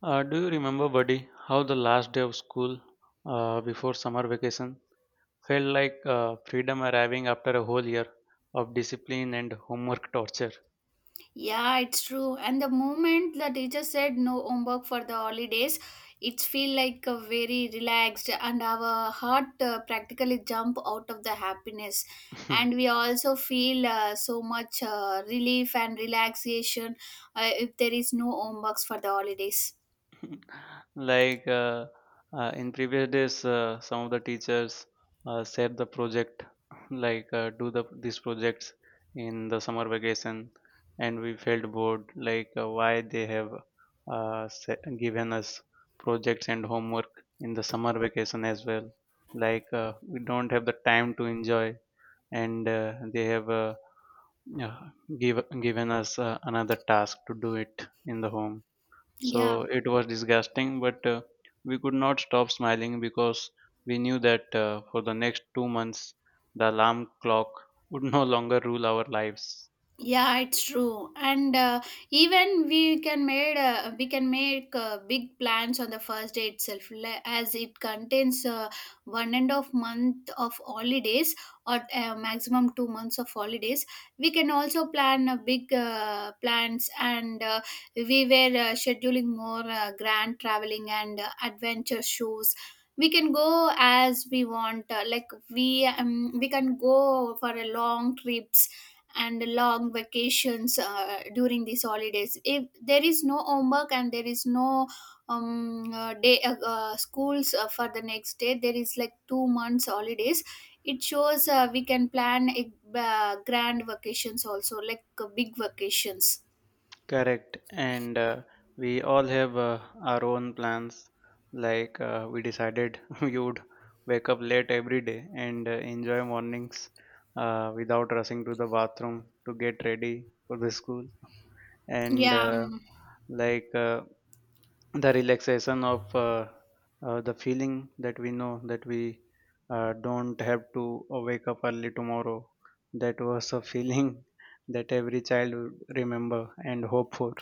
Do you remember, buddy, how the last day of school before summer vacation felt like freedom arriving after a whole year of discipline and homework torture? Yeah, it's true. And the moment the teacher said no homework for the holidays, it feel like a very relaxed and our heart practically jump out of the happiness. And we also feel so much relief and relaxation if there is no homeworks for the holidays. Like uh, in previous days, some of the teachers set the project, like uh, do these projects in the summer vacation, and we felt bored. Like why they have given us projects and homework in the summer vacation as well. Like we don't have the time to enjoy, and uh, they have uh, uh, give, given us another task to do it in the home. So Yeah. it was disgusting, but we could not stop smiling because we knew that for the next 2 months, the alarm clock would no longer rule our lives. Yeah it's true and even we can make big plans on the first day itself as it contains one and of month of holidays or maximum 2 months of holidays. We can also plan a big plans, and we were scheduling more grand traveling and adventure shows. We can go as we want, like we can go for a long trips and long vacations during these holidays if there is no homework and there is no day schools for the next day. There is like 2 months holidays. It shows we can plan a, grand vacations also, like big vacations. Correct. And we all have our own plans. Like we decided we would wake up late every day and enjoy mornings without rushing to the bathroom to get ready for the school. And Yeah. Like the relaxation of the feeling that we know that we don't have to wake up early tomorrow, that was a feeling that every child would remember and hope for.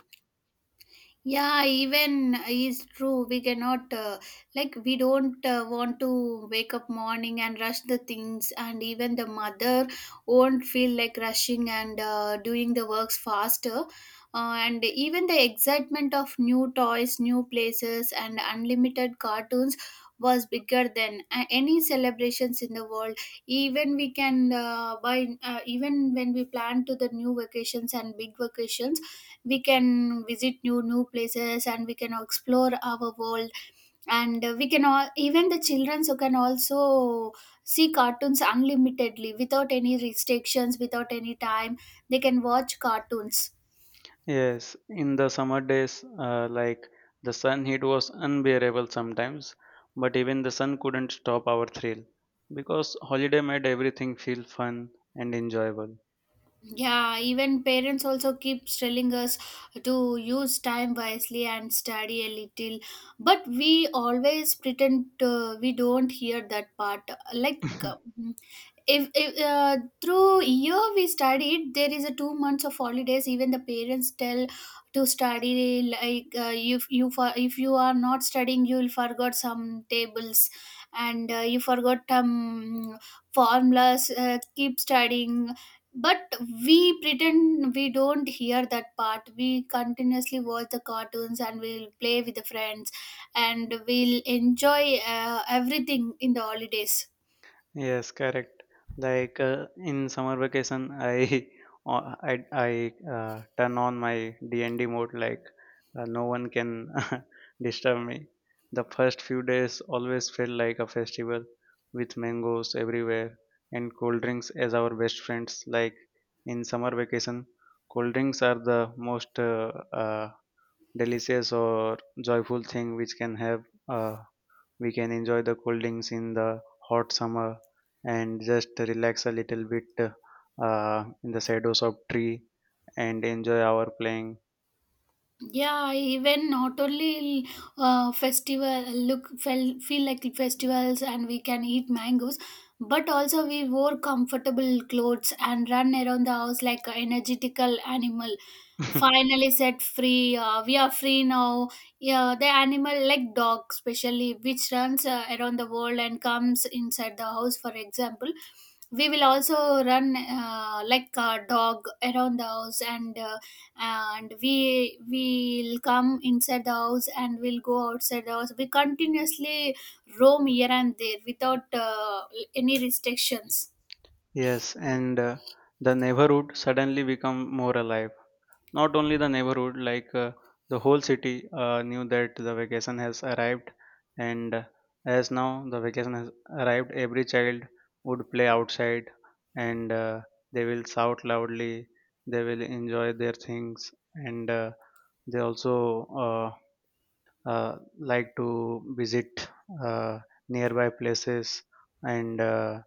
Yeah, even is true. We cannot like we don't want to wake up morning and rush the things, and even the mother won't feel like rushing and doing the works faster. And even the excitement of new toys, new places, and unlimited cartoons was bigger than any celebrations in the world. Even we can buy even when we plan to the new vacations and big vacations, we can visit new places and we can explore our world, and we can all even the children so can also see cartoons unlimitedly without any restrictions, without any time they can watch cartoons. Yes, in the summer days, like the sun heat was unbearable sometimes, but even the sun couldn't stop our thrill because holiday made everything feel fun and enjoyable. Yeah, even parents also keep telling us to use time wisely and study a little, but we always pretend we don't hear that part. Like uh, if through year we studied, there is a 2 months of holidays. Even the parents tell to study, like if you for if you are not studying, you will forgot some tables and you forgot some formulas. Keep studying. But we pretend we don't hear that part. We continuously watch the cartoons and we'll play with the friends, and we'll enjoy everything in the holidays. Yes, correct. Like in summer vacation, I I turn on my D and D mode. Like no one can disturb me. The first few days always felt like a festival, with mangoes everywhere and cold drinks as our best friends. Like in summer vacation, cold drinks are the most delicious or joyful thing which can have uh, we can enjoy the cold drinks in the hot summer and just relax a little bit in the shadows of tree and enjoy our playing. Yeah, even not only festival look feel like festivals and we can eat mangoes, but also we wore comfortable clothes and run around the house like an energetical animal finally set free. We are free now. Yeah, the animal like dog especially which runs around the world and comes inside the house. For example, we will also run like a dog around the house, and we will come inside the house and we'll go outside the house. We continuously roam here and there without any restrictions. Yes, and the neighborhood suddenly become more alive. Not only the neighborhood, like the whole city knew that the vacation has arrived, and as now the vacation has arrived, every child would play outside, and they will shout loudly, they will enjoy their things, and they also uh, like to visit uh, nearby places and uh,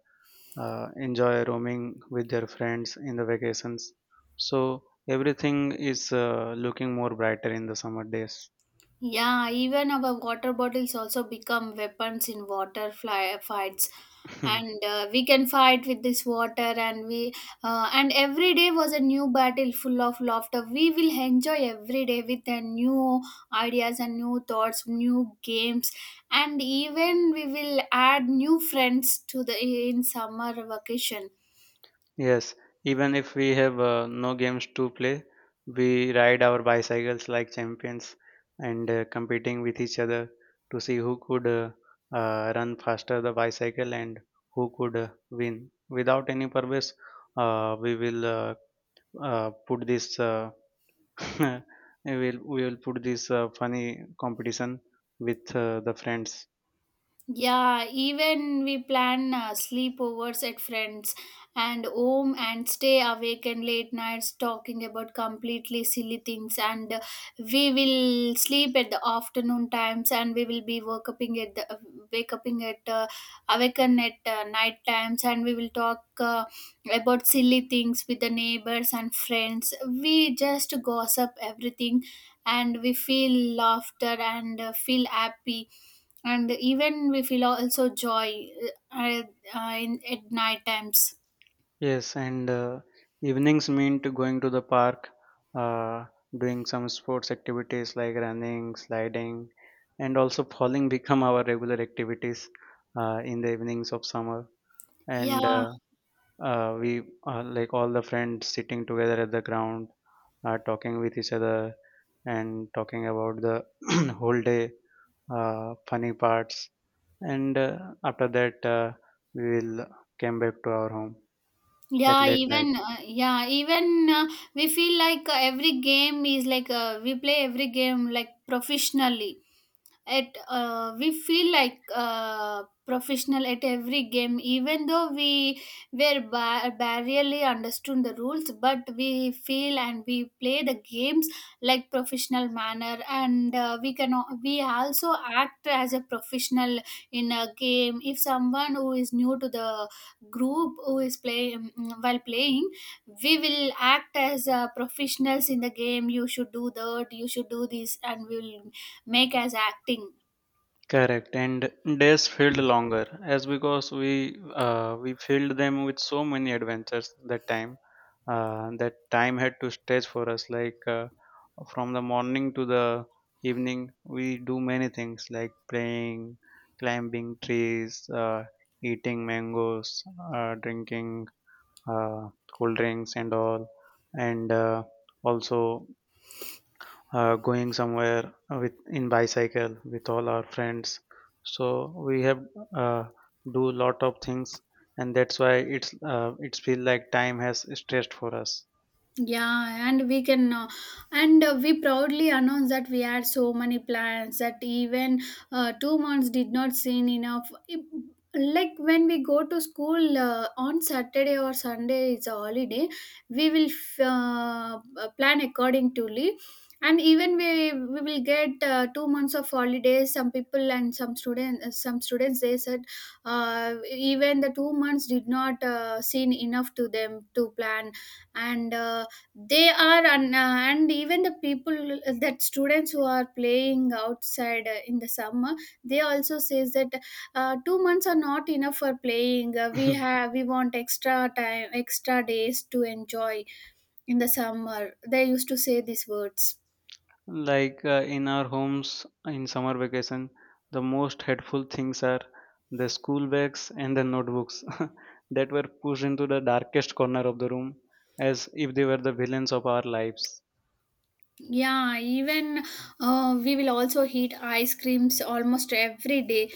uh, enjoy roaming with their friends in the vacations. So everything is looking more brighter in the summer days. Yeah, even our water bottles also become weapons in water fly, fights, and we can fight with this water. And we and every day was a new battle full of laughter. We will enjoy every day with the new ideas and new thoughts, new games, and even we will add new friends to the in summer vacation. Yes, even if we have no games to play, we ride our bicycles like champions and competing with each other to see who could run faster the bicycle and who could win. Without any purpose, we will put this we will put this funny competition with the friends. Yeah, even we plan sleepovers at friends and home and stay awake and late nights talking about completely silly things, and we will sleep at the afternoon times and we will be woke up in at the wake up in at awaken at night times, and we will talk about silly things with the neighbors and friends. We just gossip everything and we feel laughter and feel happy, and even we feel also joy uh, in, at night times. Yes, and evenings meant going to the park, uh, doing some sports activities like running, sliding, and also falling become our regular activities in the evenings of summer. And Yeah uh, uh, we uh, like all the friends sitting together at the ground, talking with each other and talking about the whole day funny parts. And after that, we will came back to our home at late night. Yeah even We feel like every game is like we play every game like professionally at we feel like professional at every game, even though we were barely understood the rules, but we feel and we play the games like professional manner, and we also act as a professional in a game. If someone who is new to the group who is playing, while playing we will act as professionals in the game. You should do that, you should do this, and we will make as acting. Correct, and days felt longer as because we filled them with so many adventures that time. That time had to stretch for us, like from the morning to the evening. We do many things like playing, climbing trees, eating mangoes, drinking uh, cold drinks and all, and also going somewhere with in bicycle with all our friends, so we have uh, do lot of things, and that's why it's feel like time has stressed for us. Yeah, and we proudly announce that we had so many plans that even 2 months did not seem enough. Like when we go to school on Saturday or Sunday, it's a holiday. We will plan accordingly, and even we will get 2 months of holidays. Some people and some students, they said even the 2 months did not seem enough to them to plan and. They are, and even the people that students who are playing outside in the summer, they also says that 2 months are not enough for playing. We want extra time, extra days to enjoy in the summer. They used to say these words. Like in our homes in summer vacation, the most helpful things are the school bags and the notebooks that were pushed into the darkest corner of the room as if they were the villains of our lives. Yeah, even we will also eat ice creams almost every day.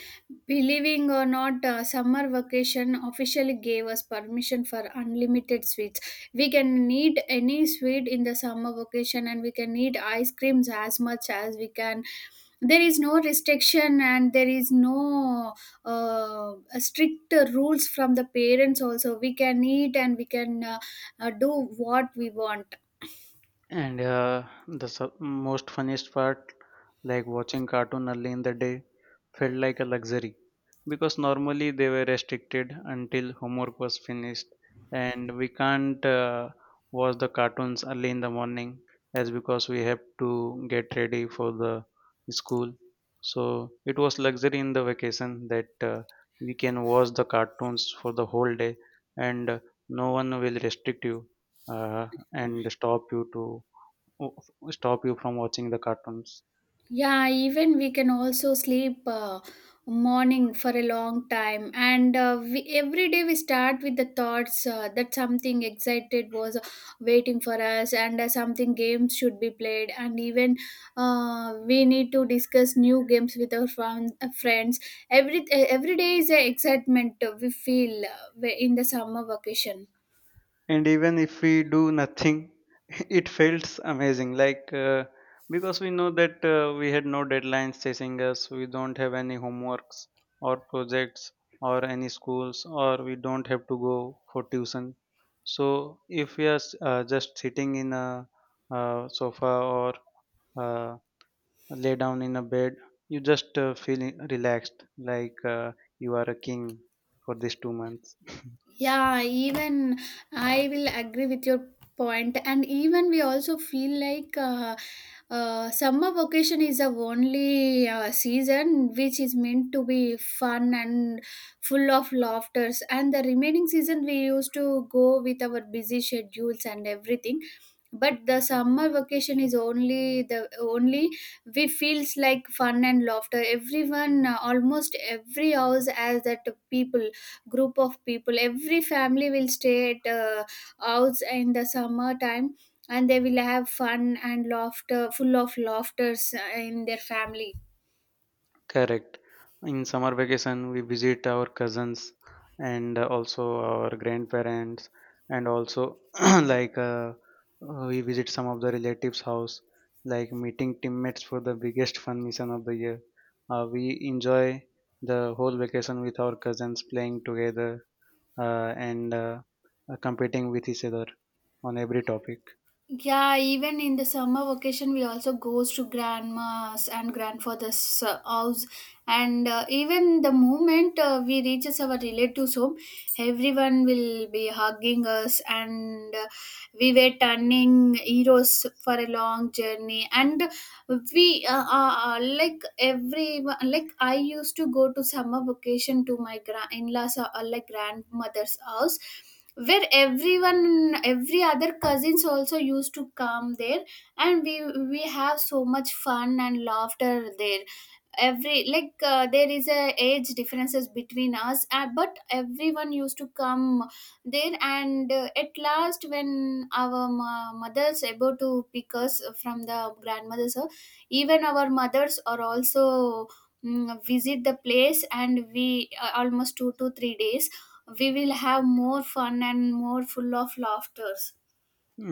Believing or not, summer vacation officially gave us permission for unlimited sweets. We can eat any sweet in the summer vacation and we can eat ice creams as much as we can. There is no restriction and there is no uh, strict rules from the parents, also. We can eat and we can do what we want. And the su- most funniest part, like watching cartoon early in the day, felt like a luxury because normally they were restricted until homework was finished, and we can't watch the cartoons early in the morning as because we have to get ready for the school. So it was luxury in the vacation that we can watch the cartoons for the whole day, and no one will restrict you and stop you from watching the cartoons. Yeah, even we can also sleep morning for a long time, and we, every day we start with the thoughts that something excited was waiting for us, and something games should be played, and even we need to discuss new games with our friends. Every day is an excitement we feel in the summer vacation. And even if we do nothing, it feels amazing, like because we know that we had no deadlines chasing us, we don't have any homeworks or projects or any schools, or we don't have to go for tuition. So if we are just sitting in a sofa or uh, lay down in a bed, you just feel relaxed, like you are a king for these 2 months. Yeah, even I will agree with your point, and even we also feel like summer vacation is the only season which is meant to be fun and full of laughters, and the remaining season we used to go with our busy schedules and everything. But the summer vacation is only the only we feels like fun and laughter. Everyone, almost every house has that people group of people. Every family will stay at house in the summer time, and they will have fun and laughter, full of laughters in their family. Correct. In summer vacation, we visit our cousins and also our grandparents, and also like we visit some of the relatives house like meeting teammates for the biggest fun mission of the year. We enjoy the whole vacation with our cousins playing together and competing with each other on every topic. Yeah, even in the summer vacation, we also goes to grandma's and grandfather's house, and even the moment we reaches our relatives' home, everyone will be hugging us, and we were turning heroes for a long journey, and we like everyone, like I used to go to summer vacation to my in-laws, like grandmother's house, where everyone every other cousins also used to come there, and we have so much fun and laughter there. Every like there is a age differences between us, but everyone used to come there, and at last when our mothers able to pick us from the grandmothers, even our mothers are also mm, visit the place, and we almost 2 to 3 days we will have more fun and more full of laughters.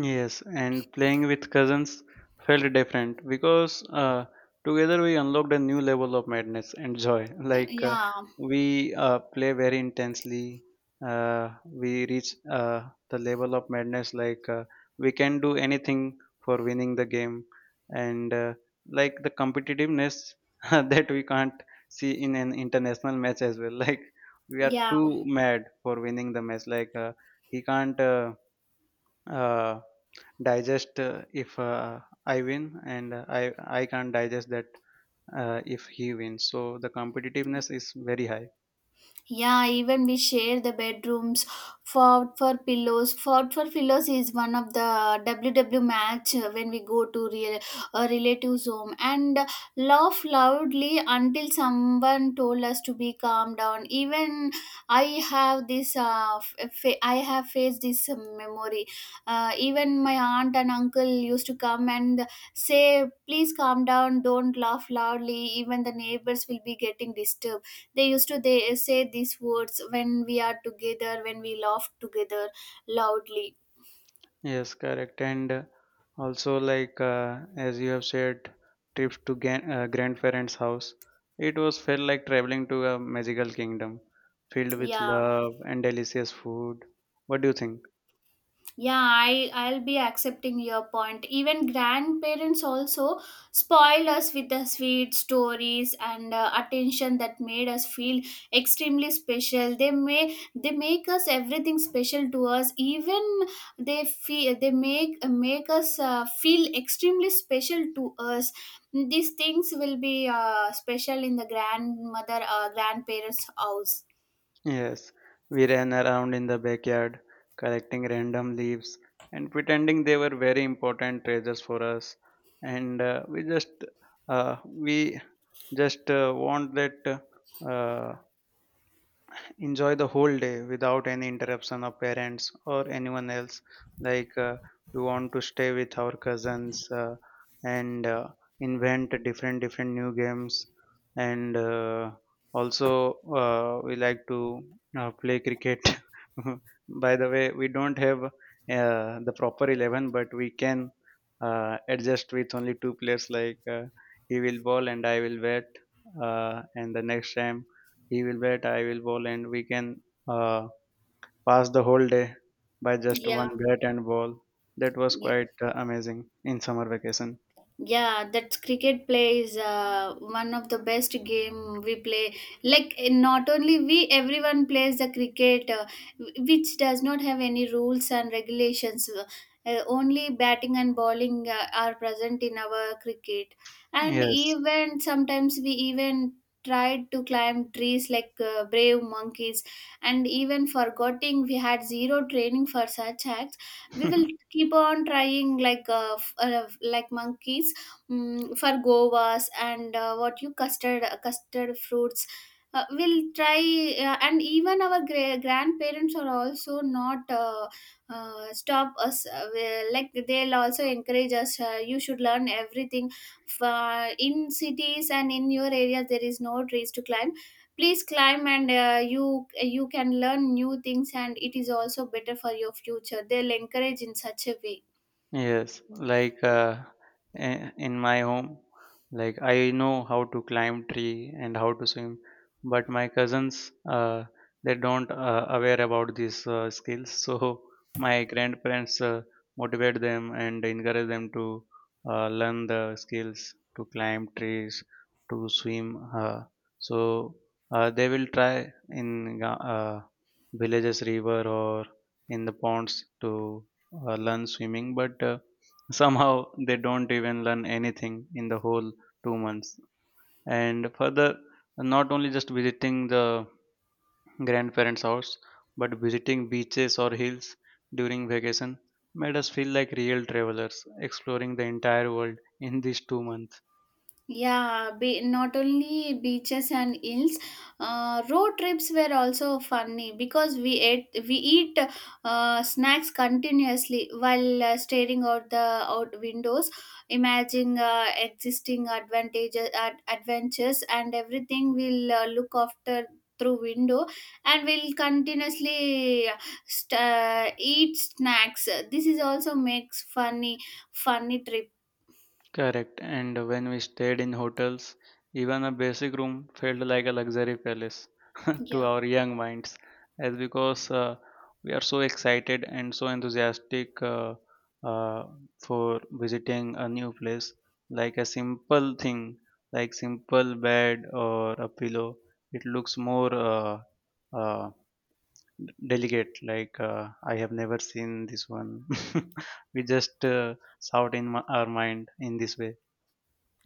Yes, and playing with cousins felt different because together we unlocked a new level of madness and joy. Like Yeah. we play very intensely, we reach the level of madness. Like we can do anything for winning the game, and like the competitiveness that we can't see in an international match as well. Like we are Yeah. too mad for winning the match. Like he can't. Uh, Digest if I win, and I can't digest that if he wins. So the competitiveness is very high. Yeah, even we share the bedrooms. Fought for pillows. Fought for pillows is one of the W W match when we go to real relatives' home and laugh loudly until someone told us to be calm down. Even I have this. I have faced this memory. Even my aunt and uncle used to come and say, "Please calm down. Don't laugh loudly. Even the neighbors will be getting disturbed." they used to They say these words when we are together, when we laugh together loudly. Yes, correct. And also, like as you have said, trips to grandparents' house. It was felt like traveling to a magical kingdom filled with Yeah. love and delicious food. What do you think? Yeah, I'll be accepting your point. Even grandparents also spoil us with the sweet stories and attention that made us feel extremely special. They make us everything special to us. Even they make us feel extremely special to us. These things will be special in the grandmother grandparents' house. Yes, we ran around in the backyard, collecting random leaves and pretending they were very important treasures for us. And we just want that uh, enjoy the whole day without any interruption of parents or anyone else, like we want to stay with our cousins and invent different different new games, and also we like to play cricket. By the way, we don't have the proper 11, but we can adjust with only two players, like he will bowl and I will bat, and the next time he will bat, I will bowl, and we can uh, pass the whole day by just one Yeah. bat and ball. That was Yeah. quite amazing in summer vacation. Yeah, that's cricket play is one of the best game we play like not only we everyone plays the cricket which does not have any rules and regulations. Only batting and bowling are present in our cricket, and Yes. even sometimes we even tried to climb trees like brave monkeys, and even forgetting we had zero training for such acts, we will keep on trying like like monkeys, for govas and what you custard custard fruits we'll try. And even our grandparents are also not stop us, like they'll also encourage us, you should learn everything. In cities and in your area there is no trees to climb, please climb, and you you can learn new things, and it is also better for your future. They'll encourage in such a way. Yes, like in my home, like I know how to climb tree and how to swim, but my cousins they don't aware about these skills. So my grandparents motivate them and encourage them to learn the skills to climb trees, to swim. So they will try in villages river or in the ponds to learn swimming, but somehow they don't even learn anything in the whole 2 months. And further, not only just visiting the grandparents' house, but visiting beaches or hills during vacation made us feel like real travelers, exploring the entire world in these 2 months. Yeah, not only beaches and hills, road trips were also funny because we eat snacks continuously while staring out the out windows, imagining existing advantages adventures and everything. We'll look after through window, and we'll continuously eat snacks. This is also makes funny trip. Correct. And when we stayed in hotels, even a basic room felt like a luxury palace to Yeah. our young minds, as because we are so excited and so enthusiastic uh, for visiting a new place. Like a simple thing, like simple bed or a pillow, it looks more uh, delicate. Like I have never seen this one. We just shout in my, our mind in this way.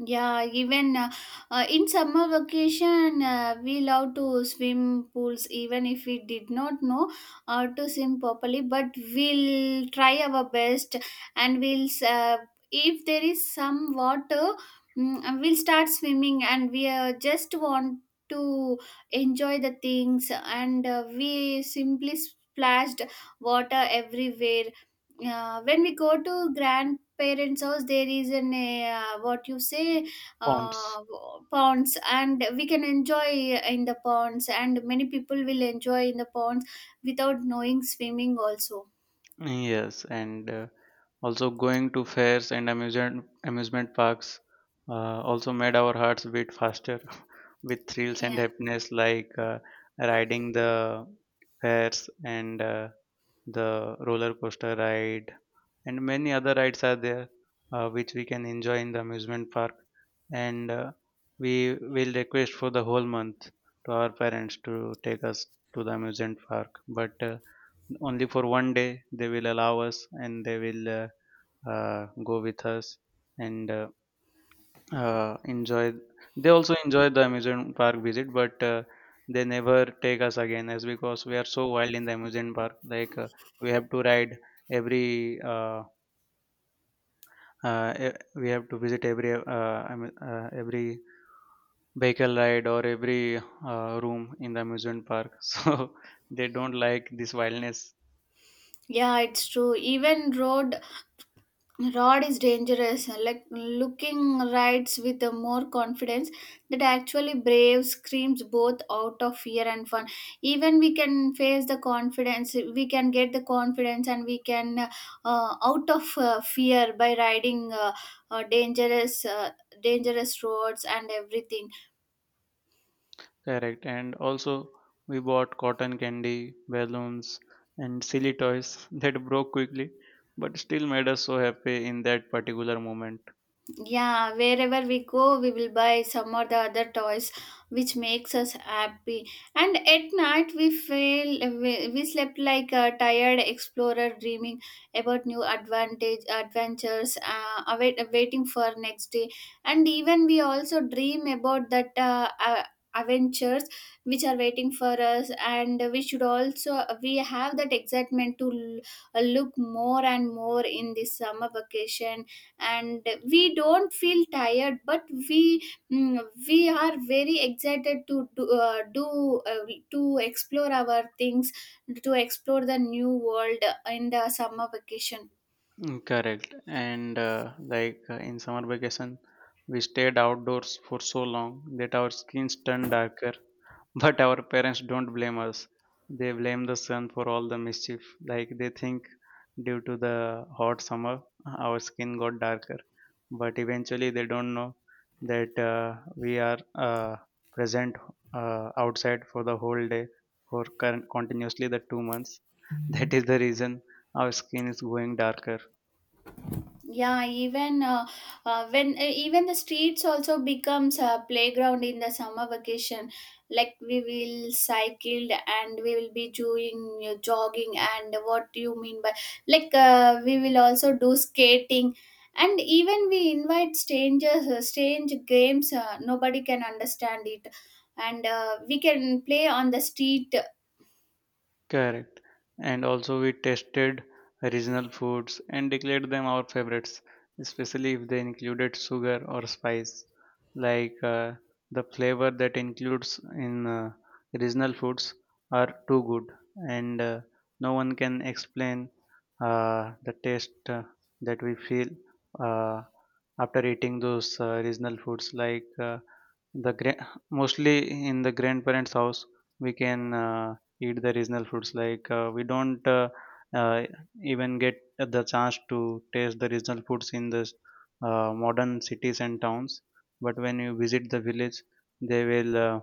Yeah, even in summer vacation, we love to swim pools, even if we did not know how to swim properly. But we'll try our best, and we'll if there is some water, and we'll start swimming, and we just want to enjoy the things, and we simply splashed water everywhere. When we go to grandparents house there is an what you say Fonts. uh, ponds, and we can enjoy in the ponds, and many people will enjoy in the ponds without knowing swimming also. Yes, and also going to fairs and amusement amusement parks also made our hearts beat faster with thrills and Yeah, happiness, like riding the fairs and the roller coaster ride, and many other rides are there which we can enjoy in the amusement park. And we will request for the whole month to our parents to take us to the amusement park, but only for 1 day they will allow us, and they will go with us and enjoy. They also enjoy the amusement park visit, but they never take us again as because we are so wild in the amusement park. Like we have to ride every uh, we have to visit every vehicle ride or every room in the amusement park, so they don't like this wildness. yeah, it's true. Even road Rod is dangerous, like looking rides with a more confidence that actually brave screams both out of fear and fun. Even we can face the confidence, we can get the confidence, and we can out of fear by riding dangerous, dangerous roads and everything. Correct. And also, we bought cotton candy, balloons, and silly toys that broke quickly, but still made us so happy in that particular moment. Yeah, wherever we go, we will buy some or the other toys, which makes us happy. And at night, we feel we slept like a tired explorer, dreaming about new advantage adventures, waiting for next day. And even we also dream about that adventures which are waiting for us. And we should also we have that excitement to look more and more in this summer vacation, and we don't feel tired but we mm, we are very excited to do, to explore our things, to explore the new world in the summer vacation. Mm, correct. And like In summer vacation, we stayed outdoors for so long that our skins turned darker. But our parents don't blame us. They blame the sun for all the mischief. Like they think, due to the hot summer, our skin got darker. But eventually, they don't know that we are uh, present outside for the whole day for current, continuously the 2 months. That is the reason our skin is going darker. Yeah, even when even the streets also becomes a playground in the summer vacation. Like we will cycle, and we will be doing jogging, and what do you mean by like we will also do skating, and even we invite strangers strange games nobody can understand it, and we can play on the street. Correct. And also we tested regional foods and declared them our favorites, especially if they included sugar or spice. Like the flavor that includes in regional foods are too good, and no one can explain the taste that we feel uh, after eating those regional foods. Like mostly in the grandparents' house, we can. Eat the regional foods. Like we don't uh, even get the chance to taste the regional foods in the modern cities and towns, but when you visit the village they will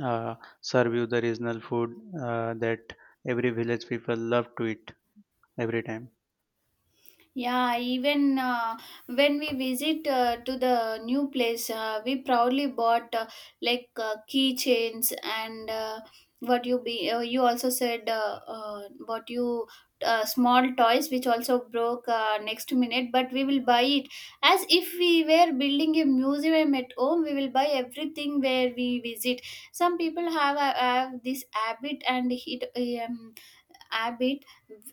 uh, serve you the regional food that every village people love to eat every time. Yeah, even when we visit to the new place, we proudly bought like keychains and what you be you also said what you small toys which also broke next minute, but we will buy it as if we were building a museum at home. We will buy everything where we visit. Some people have this habit, and it habit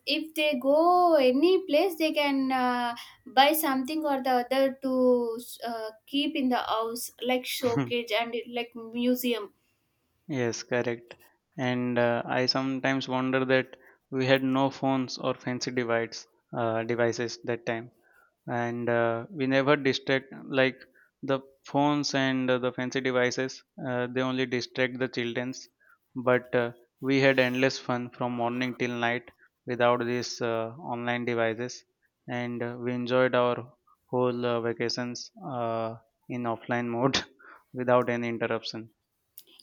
if they go any place they can buy something or the other to keep in the house like showcase and like museum. Yes, correct. And I sometimes wonder that we had no phones or fancy devices that time, and we never distract like the phones and the fancy devices. They only distract the childrens, but we had endless fun from morning till night without these online devices, and we enjoyed our whole vacations in offline mode without any interruption.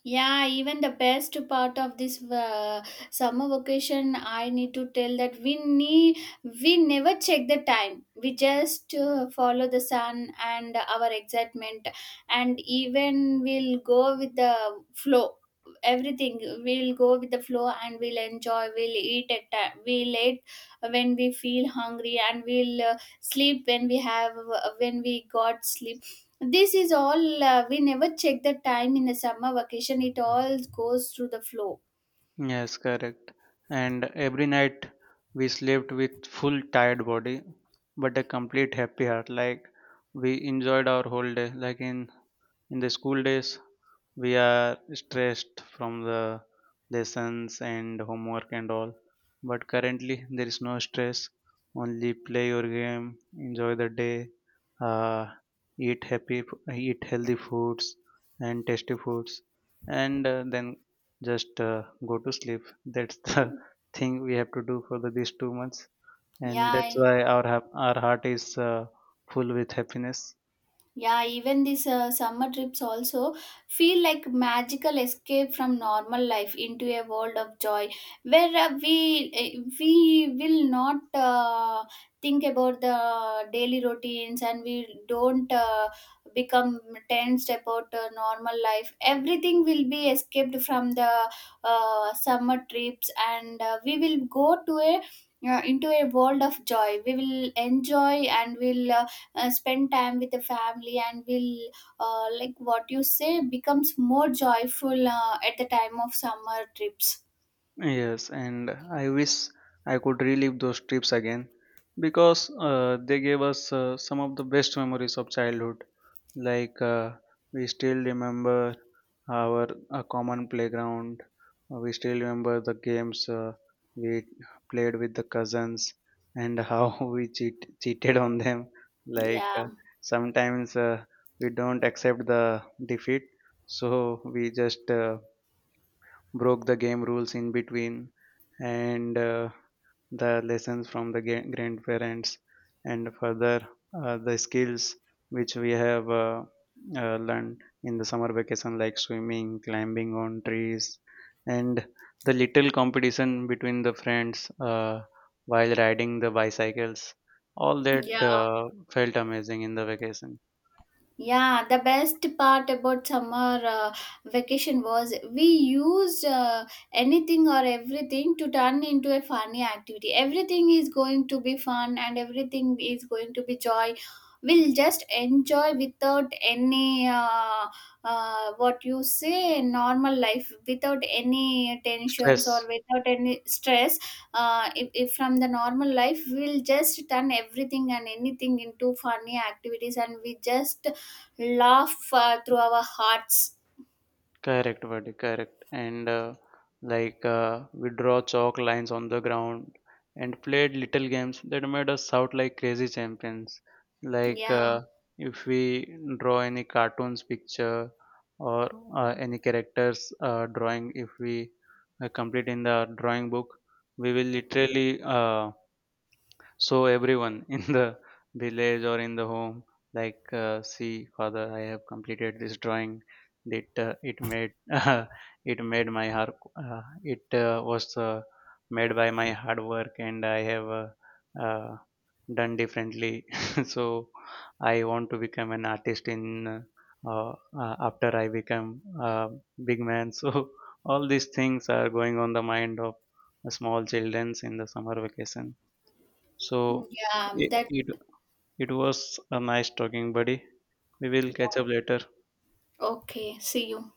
Yeah, even the best part of this summer vacation, I need to tell that we never check the time. We just follow the sun and our excitement, and even we'll go with the flow. Everything we'll go with the flow, and we'll enjoy. We'll eat at time. We'll eat when we feel hungry, and we'll sleep when we have when we got sleep. This is all, we never check the time in the summer vacation. It all goes through the flow. Yes, correct. And every night we slept with full tired body, but a complete happy heart. Like we enjoyed our whole day. Like in the school days, we are stressed from the lessons and homework and all, but currently there is no stress. Only play your game, enjoy the day, uh, eat happy, eat healthy foods and tasty foods, and then just go to sleep. That's the thing we have to do for these 2 months, and that's Yeah, why our heart is full with happiness. Yeah, even these summer trips also feel like magical escape from normal life into a world of joy, where we will not think about the daily routines, and we don't become tensed about normal life. Everything will be escaped from the summer trips, and we will go to a into a world of joy. We will enjoy, and we will. Spend time with the family, and will like what you say becomes more joyful at the time of summer trips. Yes, and I wish I could relive those trips again, because they gave us some of the best memories of childhood. Like we still remember our a common playground. We still remember the games we played with the cousins, and how cheated on them. Like Yeah, sometimes we don't accept the defeat, so we just broke the game rules in between, and the lessons from the grandparents, and further the skills which we have learned in the summer vacation, like swimming, climbing on trees, and the little competition between the friends while riding the bicycles. All that yeah. Felt amazing in the vacation. Yeah, the best part about summer vacation was we used anything or everything to turn into a funny activity. Everything is going to be fun, and everything is going to be joy. We'll just enjoy without any what you say normal life, without any tensions or Stress. without any stress. If from the normal life, we'll just turn everything and anything into funny activities, and we just laugh through our hearts. Correct, buddy, correct. And like We draw chalk lines on the ground and played little games that made us shout like crazy champions. Like Yeah, if we draw any cartoons picture or any characters drawing, if we complete in the drawing book, we will literally so everyone in the village or in the home, like, see, father, I have completed this drawing. That it made it made my heart. It was made by my hard work, and I have uh, done differently. So I want to become an artist in after I become a big man. So all these things are going on the mind of small childrens in the summer vacation. So yeah, it, that, it it was a nice talking, buddy. We will catch yeah. up later. Okay, see you.